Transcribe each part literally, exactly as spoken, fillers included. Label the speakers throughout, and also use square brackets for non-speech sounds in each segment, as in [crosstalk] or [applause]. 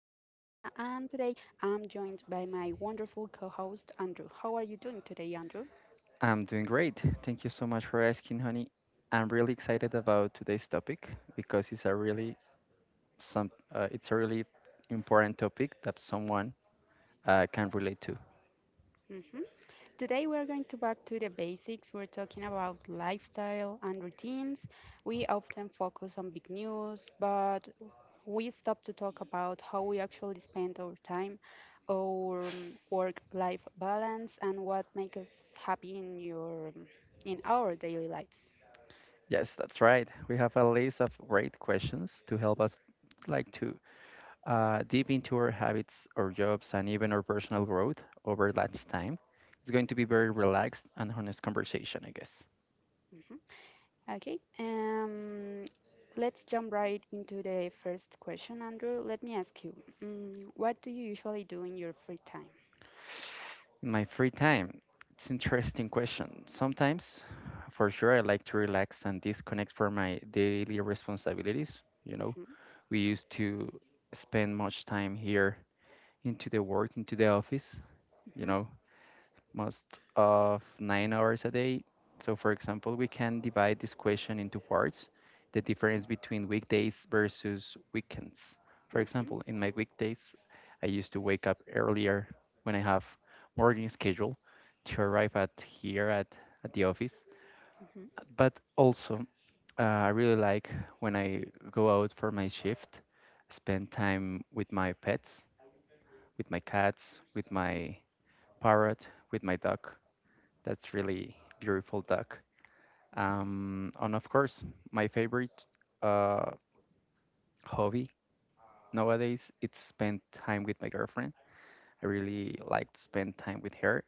Speaker 1: And today, I'm joined by my wonderful co-host Andrew. How are you doing today, Andrew?
Speaker 2: I'm doing great. Thank you so much for asking, honey. I'm really excited about today's topic because it's a really some uh, it's a really important topic that someone uh, can relate to.
Speaker 1: Mhm. Today we're going to back to the basics. We're talking about lifestyle and routines. We often focus on big news, but we stop to talk about how we actually spend our time, our um, work-life balance, and what makes us happy in your um, in our daily lives.
Speaker 2: Yes, that's right. We have a list of great questions to help us like to uh, deep into our habits, our jobs, and even our personal growth over that time. It's going to be very relaxed and honest conversation, I guess.
Speaker 1: Mhm. Okay. Um, let's jump right into the first question, Andrew. Let me ask you, mm, what do you usually do in your free time?
Speaker 2: In my free time, it's interesting question. Sometimes, for sure, I like to relax and disconnect from my daily responsibilities. You know,
Speaker 1: hmm
Speaker 2: we used to spend much time here into the work, into the office, you know, most of nine hours a day. So, for example, we can divide this question into parts the difference between weekdays versus weekends. For
Speaker 1: hmm
Speaker 2: example, in my weekdays, I used to wake up earlier when I have morning schedule to arrive at here at, at the office.
Speaker 1: Mhm.
Speaker 2: But also, uh, I really like when I go out for my shift, spend time with my pets, with my cats, with my parrot, with my dog. That's really beautiful, Doc. Um, and of course, my favorite uh, hobby nowadays it's spend time with my girlfriend. I really like to spend time with her.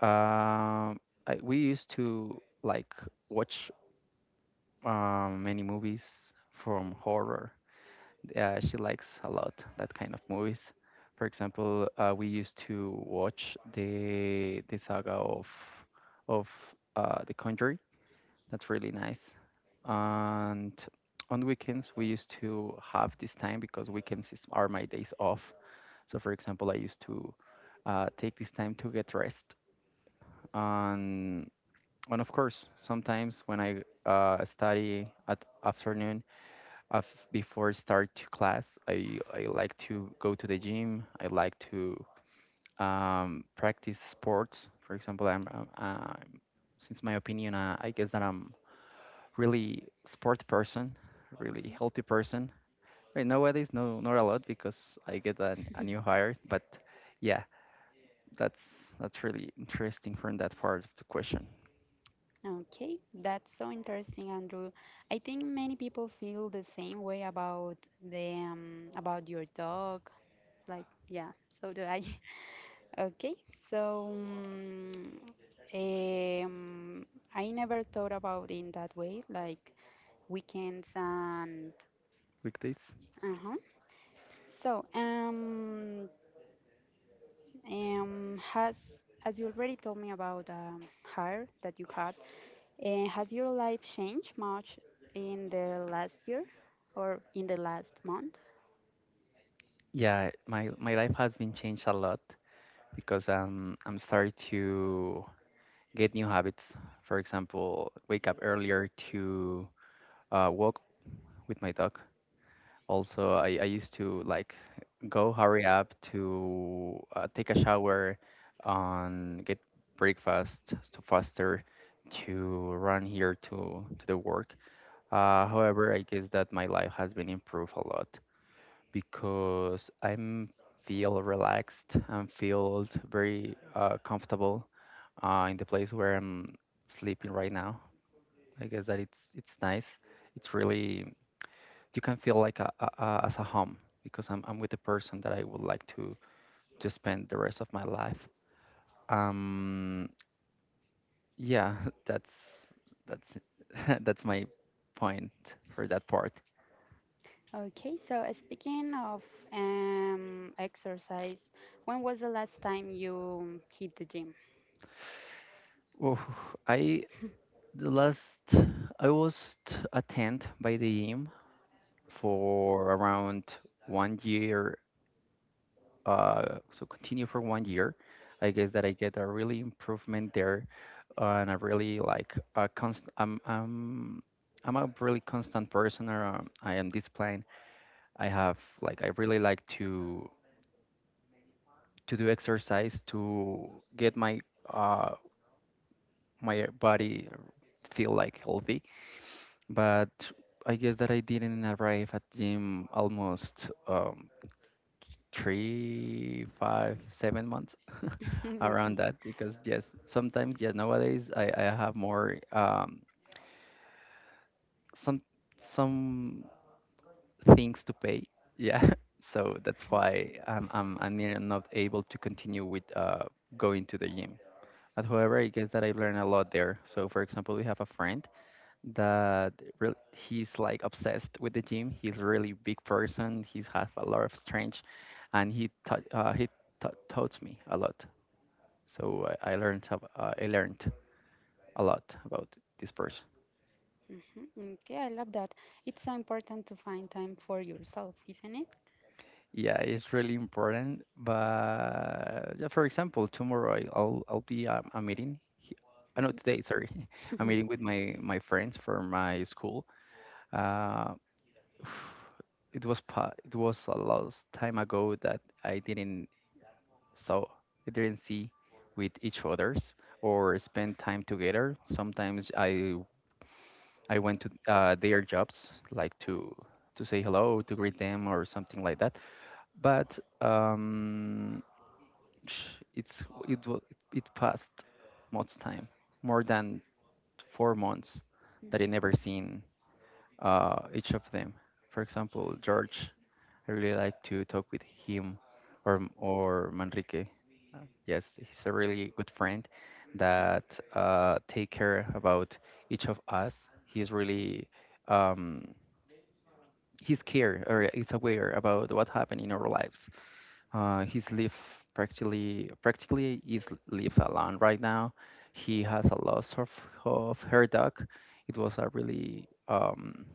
Speaker 2: Um, I, we used to like watch uh, many movies from horror. Uh, she likes a lot that kind of movies. For example, uh, we used to watch the the saga of of uh, The Conjuring. That's really nice. And on weekends, we used to have this time because weekends is, are my days off. So, for example, I used to uh, take this time to get rest. And, and of course, sometimes when I uh, study at afternoon, af before start to class, I, I like to go to the gym. I like to um, practice sports. For example, I'm, I'm, I since my opinion, uh, I guess that I'm really sport person, really healthy person. Right nowadays, no, not a lot because I get a,
Speaker 1: [laughs]
Speaker 2: a
Speaker 1: Mhm.
Speaker 2: new hire. But yeah, that's that's really interesting from that part of the question.
Speaker 1: Okay, that's so interesting, Andrew. I think many people feel the same way about them, about your dog. Like, yeah, so do I. [laughs] Okay, so um, um, I never thought about it in that way, like weekends and
Speaker 2: Weekdays.
Speaker 1: uh-huh. So, um, Um, has as you already told me about um, hair that you had, uh, has your life changed much in the last year or in the last month?
Speaker 2: Yeah, my my life has been changed a lot because um I'm starting to get new habits. For example, wake up earlier to uh, walk with my dog. Also, I, I used to like go hurry up to uh, take a shower, on get breakfast to faster to run here to to the work. Uh, however, I guess that my life has been improved a lot because I'm feel relaxed and feel very uh, comfortable uh, in the place where I'm sleeping right now. I guess that it's it's nice. It's really you can feel like a, a, a as a home because I'm I'm with the person that I would like to to spend the rest of my life. Um, yeah, [laughs] that's that's [laughs] that's my point for that part.
Speaker 1: Okay, so uh, speaking of um, exercise, when was the last time you hit the gym? [laughs]
Speaker 2: Oof, I the last I was t- a tent by the gym for around one year uh, so continue for one year. I guess that I get a really improvement there, uh, and a really like a const. I'm I'm I'm a really constant person. Or, um, I am disciplined. I have like I really like to to do exercise to get my uh my body feel like healthy. But I guess that I didn't arrive at gym almost. Um, three, five, seven months [laughs] around
Speaker 1: Okay.
Speaker 2: that because yes, sometimes yes nowadays I, I have more um some some things to pay. Yeah. [laughs] So that's why I'm I'm I'm near- not able to continue with uh going to the gym. But however, I guess that I've learned a lot there. So for example, we have a friend that really, he's like obsessed with the gym. He's really big person. He's have a lot of strength, and he taught uh, he ta taught me a lot. So I, I learned some- uh, I learned a lot about this person.
Speaker 1: hmm Okay, I love that. It's so important to find time for yourself, isn't it?
Speaker 2: Yeah, it's really important. But yeah, for example, tomorrow I- I'll I'll be um, a meeting. He- Uh, no, Today, sorry, [laughs] a meeting with my my friends from my school. Uh, [sighs] it was pa it was a long time ago that I didn't saw I didn't see with each others or spend time together. Sometimes I I went to uh, their jobs, like to to say hello, to greet them, or something like that. But um, sh- it's it wa- it passed much time, more than four months, that I
Speaker 1: [laughs]
Speaker 2: never seen uh, each of them. For example, George, I really like to talk with him, or M- or Manrique. Uh, Yes, he's a really good friend that uh, take care about each of us. He's really um, he's care or is aware about what happened in our lives. Uh, he's lived practically practically is lived alone right now. He has a loss of, of her dog. It was a really um,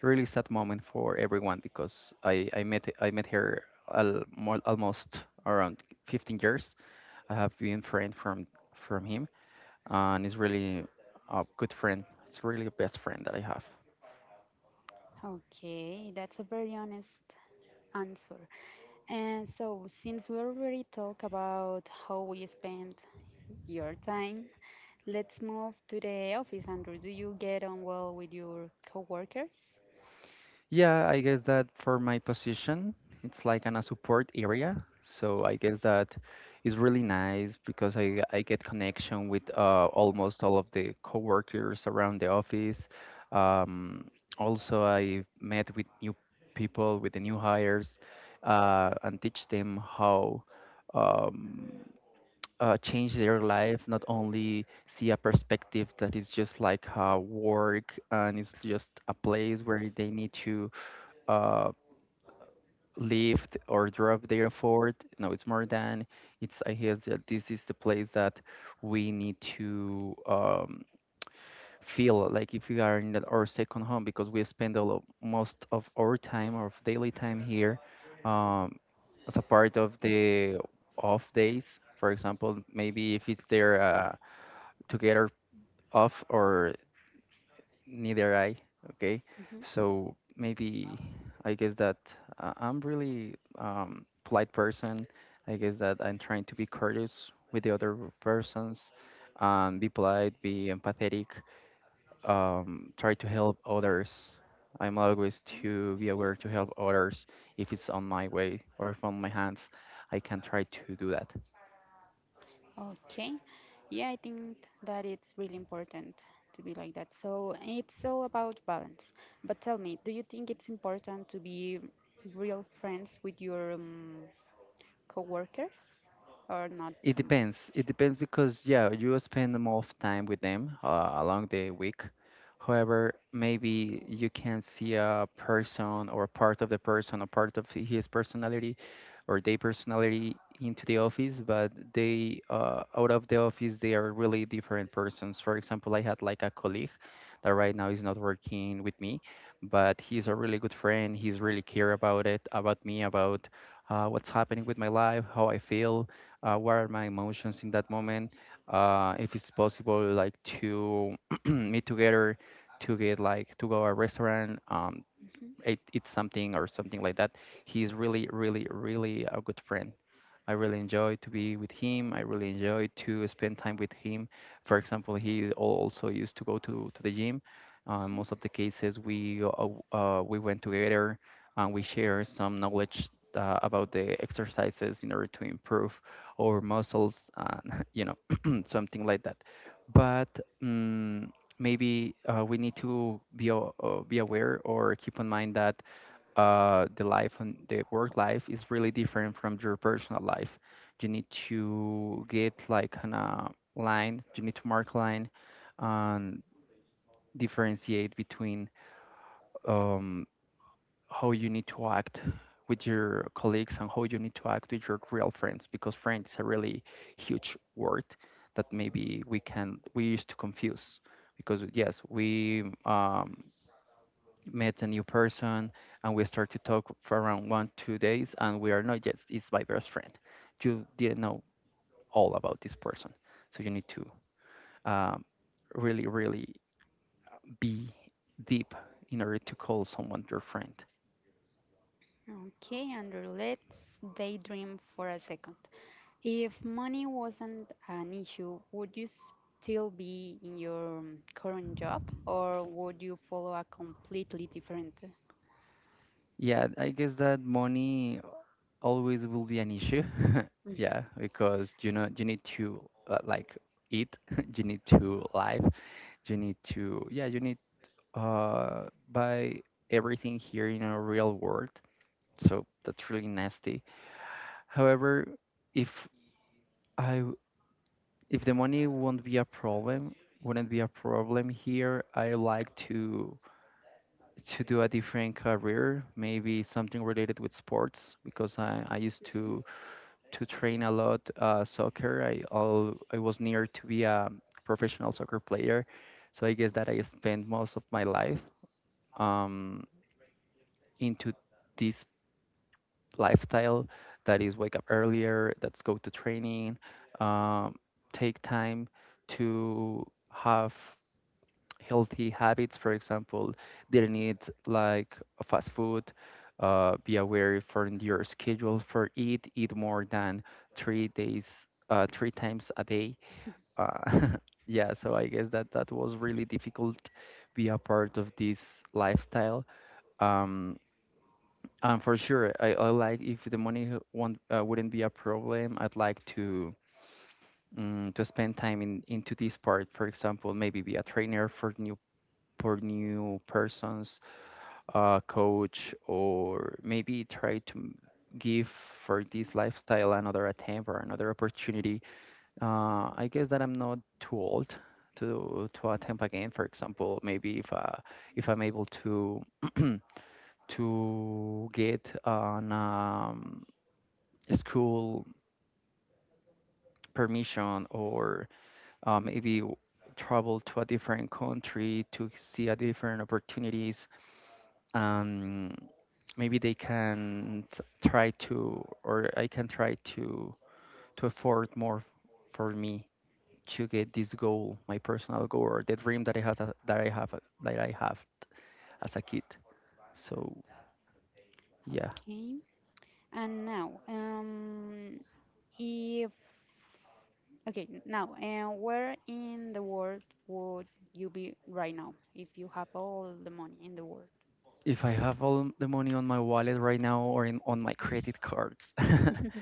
Speaker 2: really sad moment for everyone because I, I met I met her al- more, almost around fifteen years. I have been friend from from him and he's really a good friend. It's really a best friend that I have.
Speaker 1: Okay, that's a very honest answer. And so, since we already talked about how we spend your time, let's move to the office. Andrew, do you get on well with your coworkers?
Speaker 2: Yeah, I guess that for my position, it's like an a support area. So I guess that is really nice because I I get connection with uh, almost all of the coworkers around the office. Um, Also, I met with new people, with the new hires, uh, and teach them how um, uh, change their life. Not only see a perspective that is just like uh, work and it's just a place where they need to uh, lift or drop there for it. No, it's more than it's. I guess that this is the place that we need to um, feel like if we are in that- our second home because we spend all of, most of our time, our daily time here, um, as a part of the off days. For example, maybe if it's their uh, together off or Neither I. Okay.
Speaker 1: hmm
Speaker 2: So maybe I guess that uh, I'm really um, polite person. I guess that I'm trying to be courteous with the other persons, um, be polite, be empathetic, um, try to help others. I'm always to be aware to help others if it's on my way or if on my hands. I can try to do that.
Speaker 1: Okay. Yeah, I think that it's really important to be like that. So it's all about balance. But tell me, do you think it's important to be real friends with your um, coworkers or not
Speaker 2: It
Speaker 1: so much?
Speaker 2: depends. It depends because yeah, you spend more of time with them uh, along the week. However, maybe you can see a person or part of the person or part of his personality or their personality into the office, but they uh, out of the office they are really different persons. For example, I had like a colleague that right now is not working with me, but he's a really good friend. He's really care about it, about me, about uh, what's happening with my life, how I feel uh, what are my emotions in that moment uh, if it's possible like to [clears throat] meet together to get like to go a restaurant um,
Speaker 1: Mhm,
Speaker 2: eat, eat something or something like that. He's really, really, really a good friend. I really enjoy to be with him. I really enjoy to spend time with him. For example, he al- also used to go to, to the gym. Uh,
Speaker 1: mhm.
Speaker 2: most of the cases we uh, uh, we went together and we share some knowledge uh, about the exercises in order to improve our muscles and [laughs] you know [clears throat] something like that. But mm maybe uh, we need to be a- uh, be aware or keep in mind that uh, the life and the work life is really different from your personal life. You need to get like an uh, line. You need to mark line and differentiate between um, how you need to act with your colleagues and how you need to act with your real friends because friends is a really huge word that maybe we can we used to confuse because yes we um, met a new person and we start to talk for around one two days and we are not yet it's my best friend you didn't know all about this person so you need to um, really really be deep in order to call someone your friend.
Speaker 1: Okay, Andrew, let's daydream for a second. If money wasn't an issue, would you still be in your um, current job or would you follow a completely different?
Speaker 2: Yeah, I guess that money always will be an issue. [laughs]
Speaker 1: Mhm,
Speaker 2: Yeah, because you know you need to uh, like eat, [laughs] you need to live, you need to yeah you need uh buy everything here in a real world, so that's really nasty. However, if I w- if the money won't be a problem, wouldn't be a problem here, I like to to do a different career, maybe something related with sports because I, I used
Speaker 1: mhm.
Speaker 2: to to train a lot uh, soccer. I all I was near to be a professional soccer player, so I guess that I spent most of my life um, into this lifestyle that is wake up earlier, that's go to training, um, take time to have healthy habits. For example, didn't eat like a fast food. Uh, be aware for your schedule for eat. Eat more than three days, uh, three times a day. Uh, [laughs] yeah, so I guess that that was really difficult. Be a part of this lifestyle. Um, um, for sure, I, I like if the money h- won't, uh, wouldn't be a problem, I'd like to um, to spend time in into this part. For example, maybe be a trainer for new for new persons, uh, coach, or maybe try to m- give for this lifestyle another attempt or another opportunity. Uh, I guess that I'm not too old to to attempt again. For example, maybe if uh, if I'm able to [clears throat] to get an um, school permission or uh, maybe w- travel to a different country to see a different opportunities and maybe they can t- try to or I can try to to afford more for me to get this goal my personal goal or the dream that I have that i have a- that I have as a kid so yeah
Speaker 1: Okay. And now, um, if Okay, n- now, and where in the world would you be right now if you have all the money in the world?
Speaker 2: if I have all the money on my wallet right now or in, on my credit cards [laughs]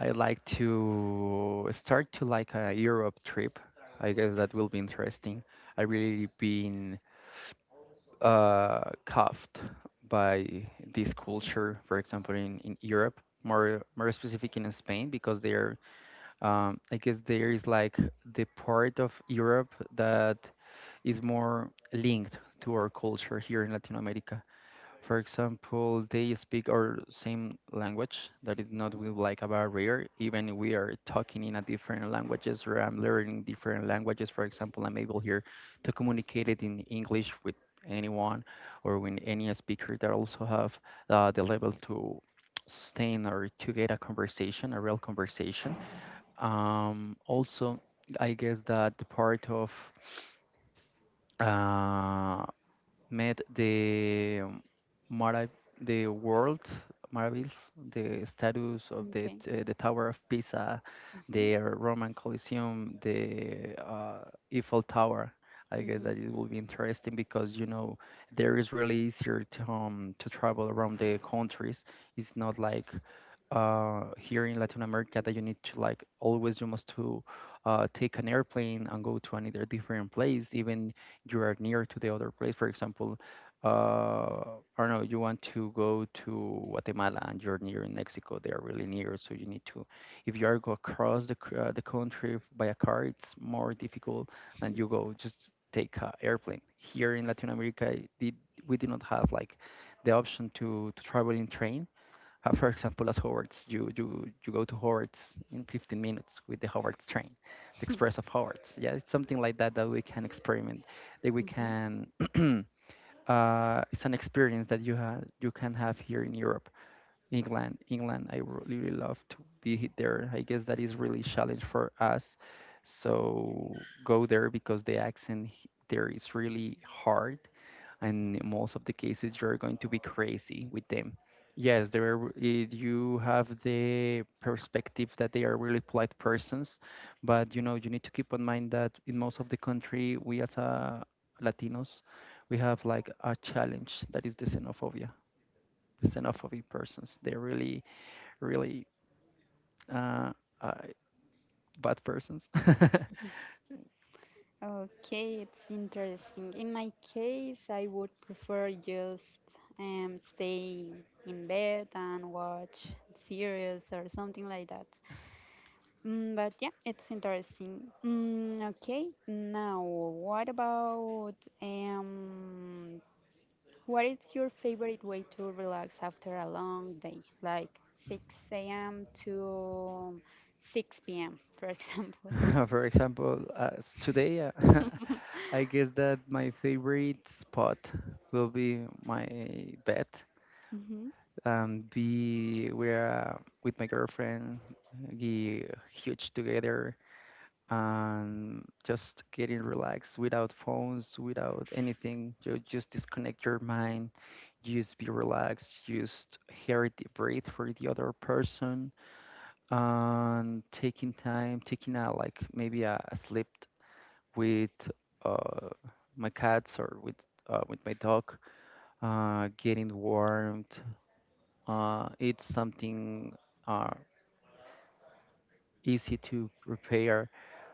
Speaker 2: I like to start to like a Europe trip. I guess that will be interesting. I really been uh, cuffed by this culture, for example, in, in Europe, more more specific in Spain, because they're um, I guess there is like the part of Europe that is more linked to our culture here in Latin America. For example, they speak our same language. That is not
Speaker 1: Mhm.
Speaker 2: with like a barrier, even we are talking in a different languages or I'm learning different languages. For example, I'm able here to communicate it in English with anyone or with any speaker that also have uh, the level to sustain or to get a conversation, a real conversation. Um, also, I guess that the part of uh, met the um, Marav the world marvels, the status of the
Speaker 1: Okay.
Speaker 2: t- uh, the Tower of Pisa, the
Speaker 1: hmm
Speaker 2: Roman Colosseum, the uh, Eiffel Tower. I guess
Speaker 1: hmm
Speaker 2: that it will be interesting because you know there is really easier to um, to travel around the countries. It's not like uh, here in Latin America that you need to like always you must to uh, take an airplane and go to another different place. Even you are near to the other place. For example, uh, I don't know, you want to go to Guatemala and you're near in Mexico. They are really near, so you need to. If you are go across the c- uh, the country by a car, it's more difficult than you go just take a airplane. Here in Latin America, it did, we did not have like the option to to travel in train uh, for example, as Howard's, you, you, you go to Howard's in fifteen minutes with the Howard's train, the Express of Howard's. Yeah, it's something like that that we can experiment, that we
Speaker 1: hmm
Speaker 2: can, [clears throat] uh, it's an experience that you, have you can have here in Europe. England, England, I really, really love to be he- there. I guess that is really challenge for us. So go there because the accent he- there is really hard and most of the cases you're going to be crazy with them. Yes, they are, eh, you have the perspective that they are really polite persons, but you know you need to keep in mind that in most of the country we as a Latinos we have like a challenge that is the xenophobia, the xenophobic persons. They're really really uh, uh, bad persons. [laughs]
Speaker 1: Okay, it's interesting. In my case, I would prefer just um, stay in bed and watch series or something like that. Mm, but yeah, it's interesting. Mm, okay, now what about um, what is your favorite way to relax after a long day, like six a m to six p m, [laughs] for example?
Speaker 2: For example, uh, s- today. Uh, [laughs] I guess that my favorite spot will be my bed
Speaker 1: Mm-hmm,
Speaker 2: and be where are with my girlfriend, be huge together and just getting relaxed without phones, without anything. You just disconnect your mind, just be relaxed, just hear the breathe for the other person and taking time, taking a like maybe a, a sleep with uh, my cats or with uh, with my dog. Uh, getting warmed, uh, it's something uh, easy to prepare.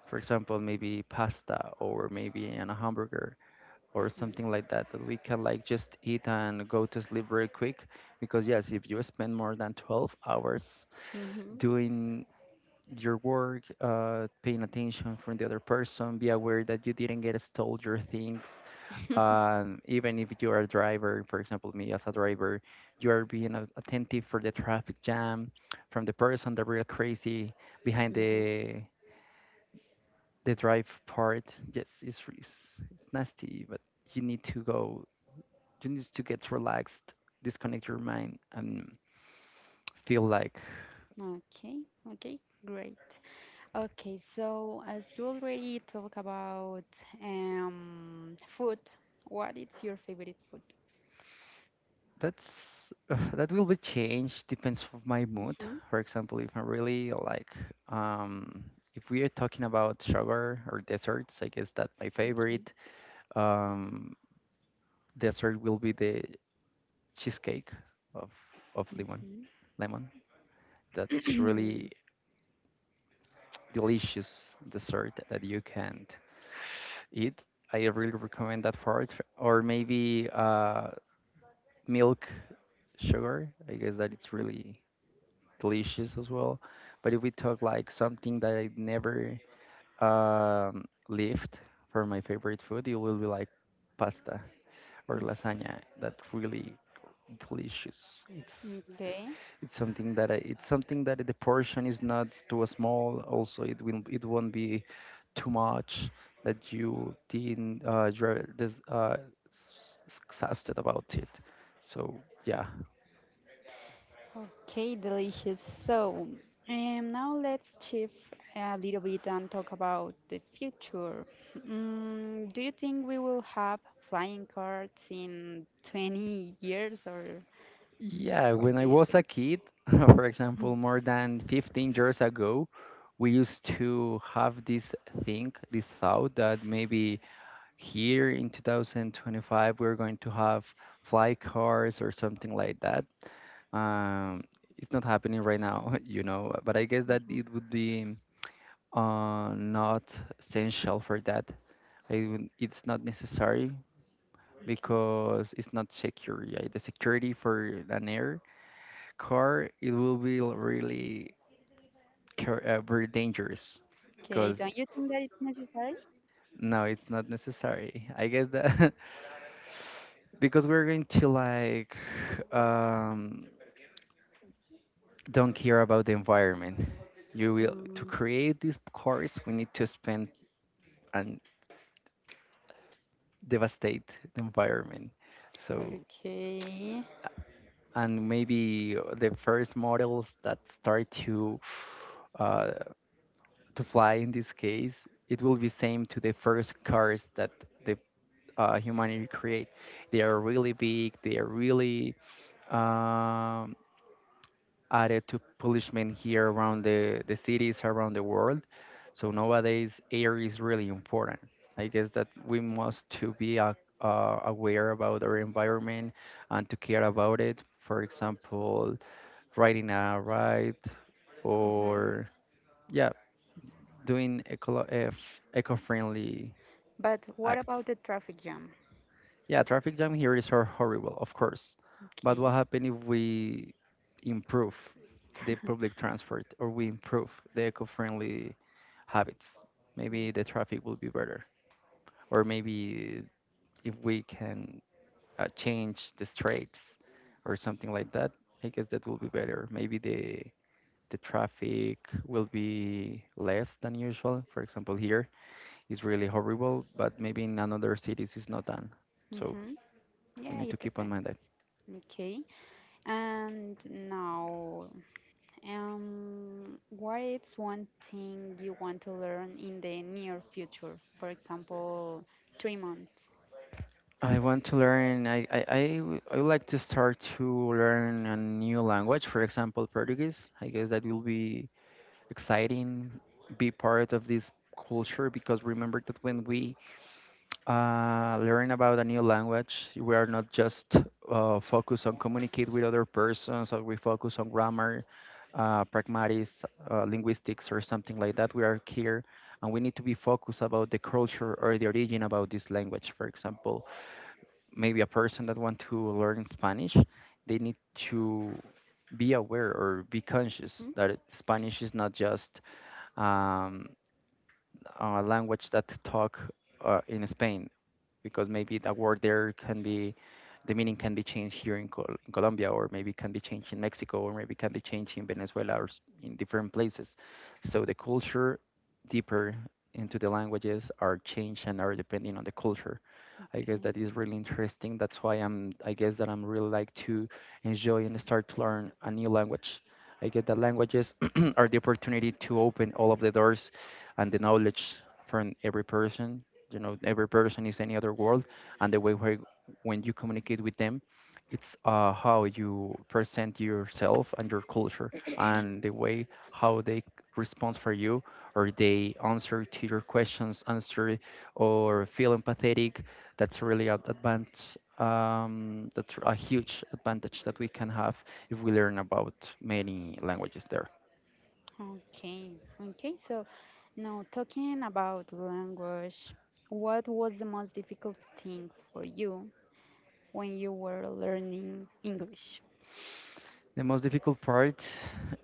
Speaker 2: For example, maybe pasta or maybe an hamburger or
Speaker 1: mm-hmm,
Speaker 2: something like that that we can like just eat and go to sleep very quick. Because yes, if you spend more than twelve hours
Speaker 1: mm-hmm,
Speaker 2: doing your work, uh, paying attention from the other person, be aware that you didn't get stole your things and even if you are a driver for example me as a driver you are being a- attentive for the traffic jam from the person the real crazy behind
Speaker 1: mm-hmm.
Speaker 2: the the drive part yes it's, re- it's, it's nasty but you need to go you need to get relaxed disconnect your mind and feel like
Speaker 1: Okay, okay, great. Okay, so as you already talk about um, food, what is your favorite
Speaker 2: that's [sighs] uh, that will be changed depends of my mood.
Speaker 1: food?
Speaker 2: For example, if I'm really like um if we are talking about sugar or desserts, I guess that my
Speaker 1: Okay.
Speaker 2: favorite um dessert will be the cheesecake of of lemon.
Speaker 1: Mhm.
Speaker 2: Lemon. That's really
Speaker 1: Mhm.
Speaker 2: delicious dessert that you can eat. I really recommend that for it. Or maybe uh milk sugar. I guess that it's
Speaker 1: [clears throat]
Speaker 2: really delicious as well. But if we talk like something that I never um, lived for my favorite food, it will be like pasta or lasagna. That really delicious. It's
Speaker 1: Okay.
Speaker 2: it's something that I, it's something that the portion is not too small. Also, it will it won't be too much that you didn't uh, you're this uh, s- s- exhausted about it. So yeah,
Speaker 1: Okay, delicious. So, um, now let's shift a little bit and talk about the future. Mm, do you think we will have flying cars in twenty years, or
Speaker 2: yeah,
Speaker 1: what
Speaker 2: when
Speaker 1: do
Speaker 2: I
Speaker 1: you
Speaker 2: was a
Speaker 1: think?
Speaker 2: kid, [laughs] for example, more than fifteen years ago, we used to have this thing, this thought that maybe here in two thousand twenty-five we're going to have fly cars or something like that. Um, it's not happening right now, [laughs] you know, but I guess that
Speaker 1: Mm-hmm.
Speaker 2: it would be uh, not essential for that. I, would- it's not necessary
Speaker 1: Okay.
Speaker 2: because it's not secure. Yeah, the security for an air car, it will be l- really car- uh, very dangerous
Speaker 1: Okay,
Speaker 2: because
Speaker 1: don't you think that it's necessary?
Speaker 2: no, it's not necessary. I guess that [laughs] because we're going to like um, don't care about the environment. You will to
Speaker 1: Mm,
Speaker 2: create these cars, we need to spend and devastate the environment. So
Speaker 1: okay.
Speaker 2: and maybe uh, the first models that start to uh, to fly in this case, it will be same to the first cars that the uh, humanity create. They are really big. They are really um, added to punishment here around the, the cities around the world. So nowadays, air is really important. I guess that we must to be a, uh, aware about our environment and to care about it. For example, riding a ride
Speaker 1: hmm
Speaker 2: or yeah, doing eco- eco-friendly
Speaker 1: But what
Speaker 2: acts.
Speaker 1: about the traffic jam?
Speaker 2: Yeah, traffic jam here is hor- horrible, of course. But what
Speaker 1: Okay.
Speaker 2: happens if we improve the public transport or we improve the eco-friendly habits? Maybe the traffic will be better, or maybe if we can uh, change the streets or something like that, I guess that will be better. Maybe the the traffic will be less than usual. For example, here is really horrible, but maybe in another cities it's not done. So
Speaker 1: Mm-hmm.
Speaker 2: we
Speaker 1: Yeah,
Speaker 2: need to
Speaker 1: it
Speaker 2: keep on
Speaker 1: depends.
Speaker 2: mind
Speaker 1: Okay. And now, um, what is one thing you want to learn in the near future? For example, three months.
Speaker 2: I want to learn. I I I w- I would like to start to learn a new language. For example, Portuguese. I guess that will be exciting. Be part of this culture because remember that when we uh, learn about a new language, we are not just uh, focused on communicate with other persons, or we focus on grammar, uh, pragmatics, uh, linguistics, or something like that. We are here, and we need to be focused about the culture or the origin about this language. For example maybe a person that want to learn Spanish, they need to be aware or be conscious
Speaker 1: Mhm.
Speaker 2: that it- Spanish is not just um, a language that talk uh, in Spain because maybe the word there can be the meaning can be changed here in, Col- in Colombia, or maybe can be changed in Mexico, or maybe can be changed in Venezuela, or s- in different places. So the culture deeper into the languages are changed and are depending on the culture. I guess
Speaker 1: Okay.
Speaker 2: that is really interesting. That's why I'm. I guess that I'm really like to enjoy and start to learn a new language. I get that languages [clears throat] are the opportunity to open all of the doors and the knowledge from every person you know Every person is any other world, and the way where when you communicate with them, it's uh, how you present yourself and your culture, and the way how they respond for you or they answer to your questions answer or feel empathetic. That's really an advantage, um, that's a huge advantage that we can have if we learn about many languages there.
Speaker 1: Okay. Okay. So now talking about language, what was the most difficult thing for you when you were learning English?
Speaker 2: The most difficult part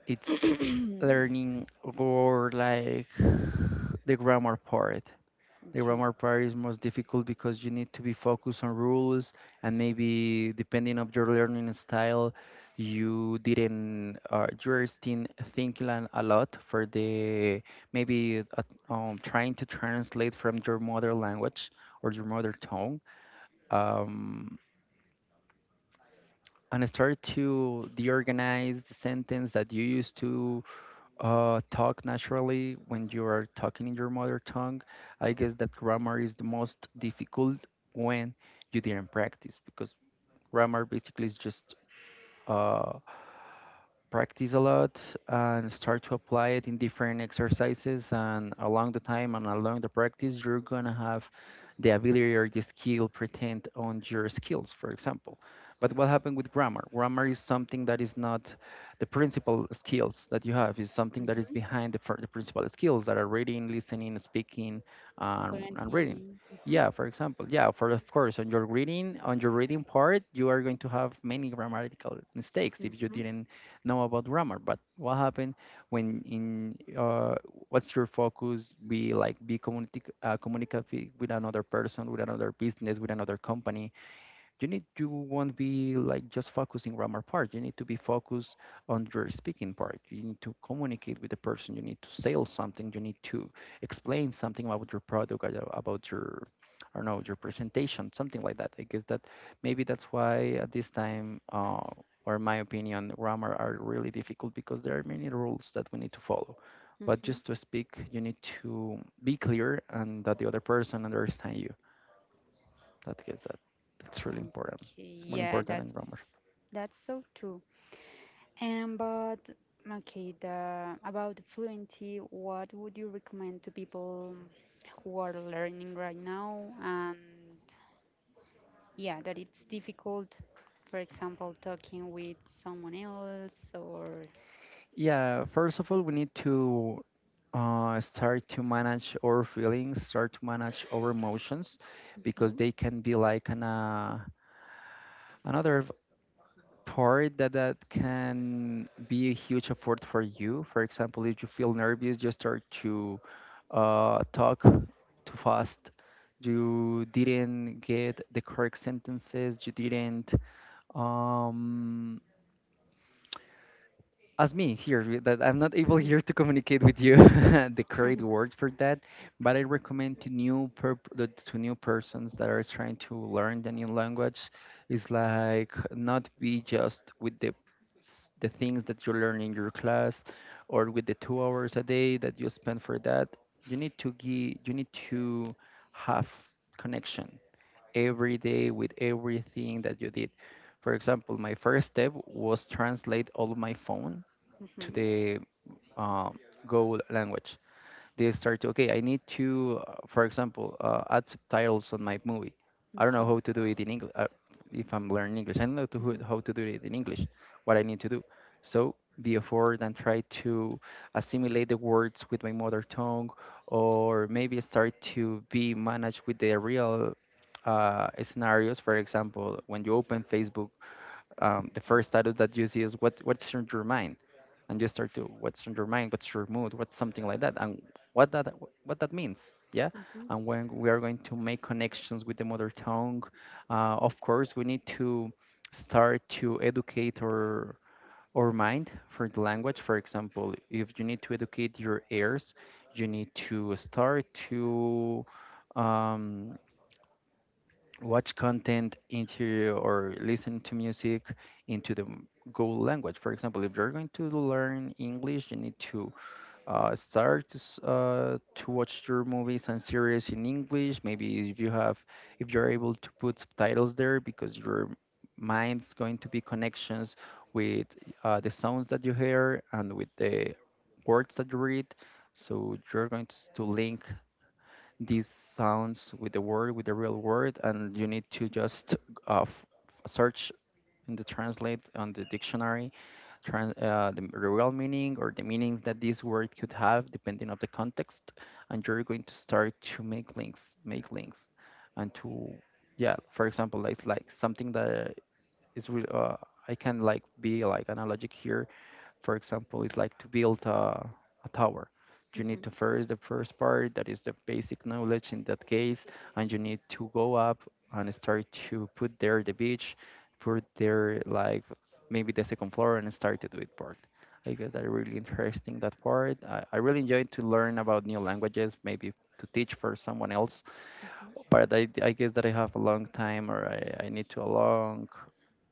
Speaker 2: it's
Speaker 1: [clears throat]
Speaker 2: learning or like the grammar part. The
Speaker 1: Okay.
Speaker 2: grammar part is most difficult because you need to be focused on rules, and maybe depending of your learning style, you didn't, uh, you're still thinking a a lot for the maybe uh, um, trying to translate from your mother language or your mother tongue. Um, and I started to deorganize the sentence that you used to uh, talk naturally when you are talking in your mother tongue. I guess that grammar is the most difficult when you didn't practice, because grammar basically is just uh, practice a lot and start to apply it in different exercises, and along the time and along the practice you're gonna have the ability or the skill pretend on your skills, for example. But what happened with grammar, grammar is something that is not the principal skills that you have. Is something that is
Speaker 1: Mm-hmm.
Speaker 2: behind the, fir- the principal skills that are reading, listening, speaking and, and reading.
Speaker 1: Plenty. Mm-hmm.
Speaker 2: Yeah, for example, yeah, for of course, on your reading, on your reading part you are going to have many grammatical mistakes if you
Speaker 1: Mm-hmm.
Speaker 2: didn't know about grammar. But what happened when in, uh, what's your focus? Be like be communic- uh, communicative with another person, with another business, with another company. You need, you won't be like just focusing grammar part, you need to be focused on your speaking part, you need to communicate with the person, you need to sell something, you need to explain something about your product, uh, about your, I don't know, your presentation, something like that. I guess that maybe that's why at this time, uh, or in my opinion grammar are really difficult because there are many rules that we need to follow, but
Speaker 1: Mm-hmm.
Speaker 2: just to speak you need to be clear and that the other person understand you, that gets that. That's really important.
Speaker 1: Okay.
Speaker 2: It's more
Speaker 1: Yeah,
Speaker 2: important than
Speaker 1: that's
Speaker 2: grammar.
Speaker 1: that's so true. And but Okay, the about the fluency, what would you recommend to people who are learning right now and yeah, that it's difficult, for example, talking with someone else or
Speaker 2: Yeah, first of all, we need to uh, start to manage our feelings, start to manage our emotions, because
Speaker 1: Mhm.
Speaker 2: they can be like an, uh, another part that, that can be a huge effort for you. For example, if you feel nervous, you start to uh, talk too fast. You didn't get the correct sentences. You didn't. Um, as me here with that I'm not able [laughs]
Speaker 1: Mhm.
Speaker 2: here to communicate with you [laughs] the correct
Speaker 1: [laughs]
Speaker 2: word for that, but I recommend to new per to new persons that are trying to learn the new language is like not be just with the s- the things that you learn in your class, or with the two hours a day that you spend for that. You need to give, you need to have connection every day with everything that you did. For example, my first step was translate all of my phone to
Speaker 1: Mhm.
Speaker 2: the uh, Go language. They start to, okay, I need to, uh, for example, uh, add subtitles on my movie. I don't know
Speaker 1: Okay.
Speaker 2: how to do it in English. Uh, if I'm learning English, I don't know to, who-
Speaker 1: Mm-hmm.
Speaker 2: how to do it in English, what I need to do. So be a afford and try to assimilate the words with my mother tongue, or maybe start to be managed with the real, uh, scenarios. For example, when you open Facebook, um, the
Speaker 1: Okay.
Speaker 2: first status that you see is what what's in your mind, and you start to what's in your mind, what's your mood, what's something like that, and what that, what that means, yeah.
Speaker 1: hmm
Speaker 2: And when we are going to make connections with the mother tongue, uh, of course we need to start to educate our our mind for the language. For example, if you need to educate your ears, you need to start to um, watch content into or listen to music into the m- Google language. For example, if you're going to learn English, you need to uh, start to, s- uh, to watch your movies and series in English. Maybe if you have, if you're able to put subtitles there, because your mind's going to be connections with uh, the sounds that you hear and with the words that you read. So you're going to, s- to link these sounds with the word, with the real word, and you need to just uh, f- search in the translate on the dictionary, trans, uh, the real meaning or the meanings that this word could have depending of the context, and you're going to start to make links, make links, and to, yeah. For example, it's like something that is re- uh, I can like be like analogic here, for example, it's like to build a, a tower. You
Speaker 1: hmm
Speaker 2: need to first the first part that is the basic knowledge in that case, and you need to go up and start to put there the beach, put there like maybe the second floor and start to do it part. I guess that really interesting that part. I, I really enjoy to learn about new languages, maybe to teach for someone else.
Speaker 1: hmm
Speaker 2: But I, I guess that I have a long time, or I, I need to a long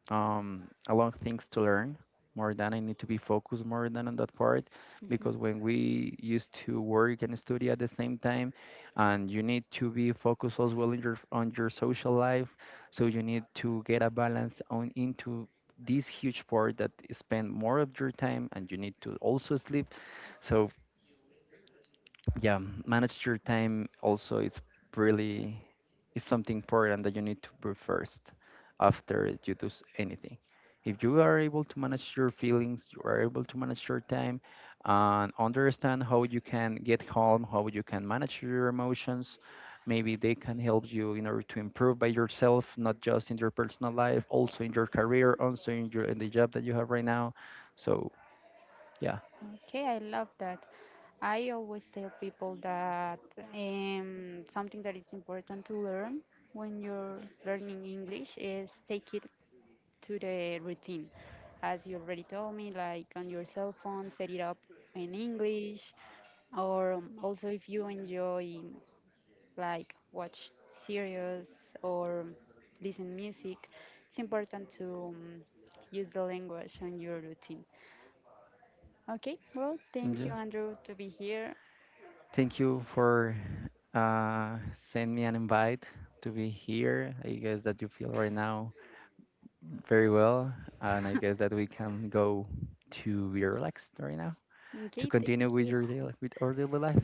Speaker 2: um, a lot of things to learn, more than I need to be focused more than on that part, because
Speaker 1: hmm
Speaker 2: when we used to work and study at the same time, and you need to be focused as well in your, on your social life, so you need to get a balance on into this huge part that spend more of your time, and you need to also sleep. So yeah, manage your time also is really, is something important that you need to do first, after you do s- anything. If you are able to manage your feelings, you are able to manage your time, and understand how you can get calm, how you can manage your emotions, maybe they can help you in order to improve by yourself, not just in your personal life, also in your career, also in your in the job that you have right now. So yeah.
Speaker 1: Okay, I love that. I always tell people that um, something that is important to learn when you're learning English is take it to the routine. As you already told me, like on your cell phone, set it up in English, or um, also if you enjoy like watch series or listen music, it's important to um, use the language on your routine. Okay, well, thank
Speaker 2: Yeah,
Speaker 1: you, Andrew, to be here.
Speaker 2: thank you for uh, sent me an invite to be here. I guess that you feel right now very well, and I guess that we can go to be relaxed right now to
Speaker 1: Okay,
Speaker 2: continue
Speaker 1: thank
Speaker 2: with
Speaker 1: you.
Speaker 2: your daily, with our daily life.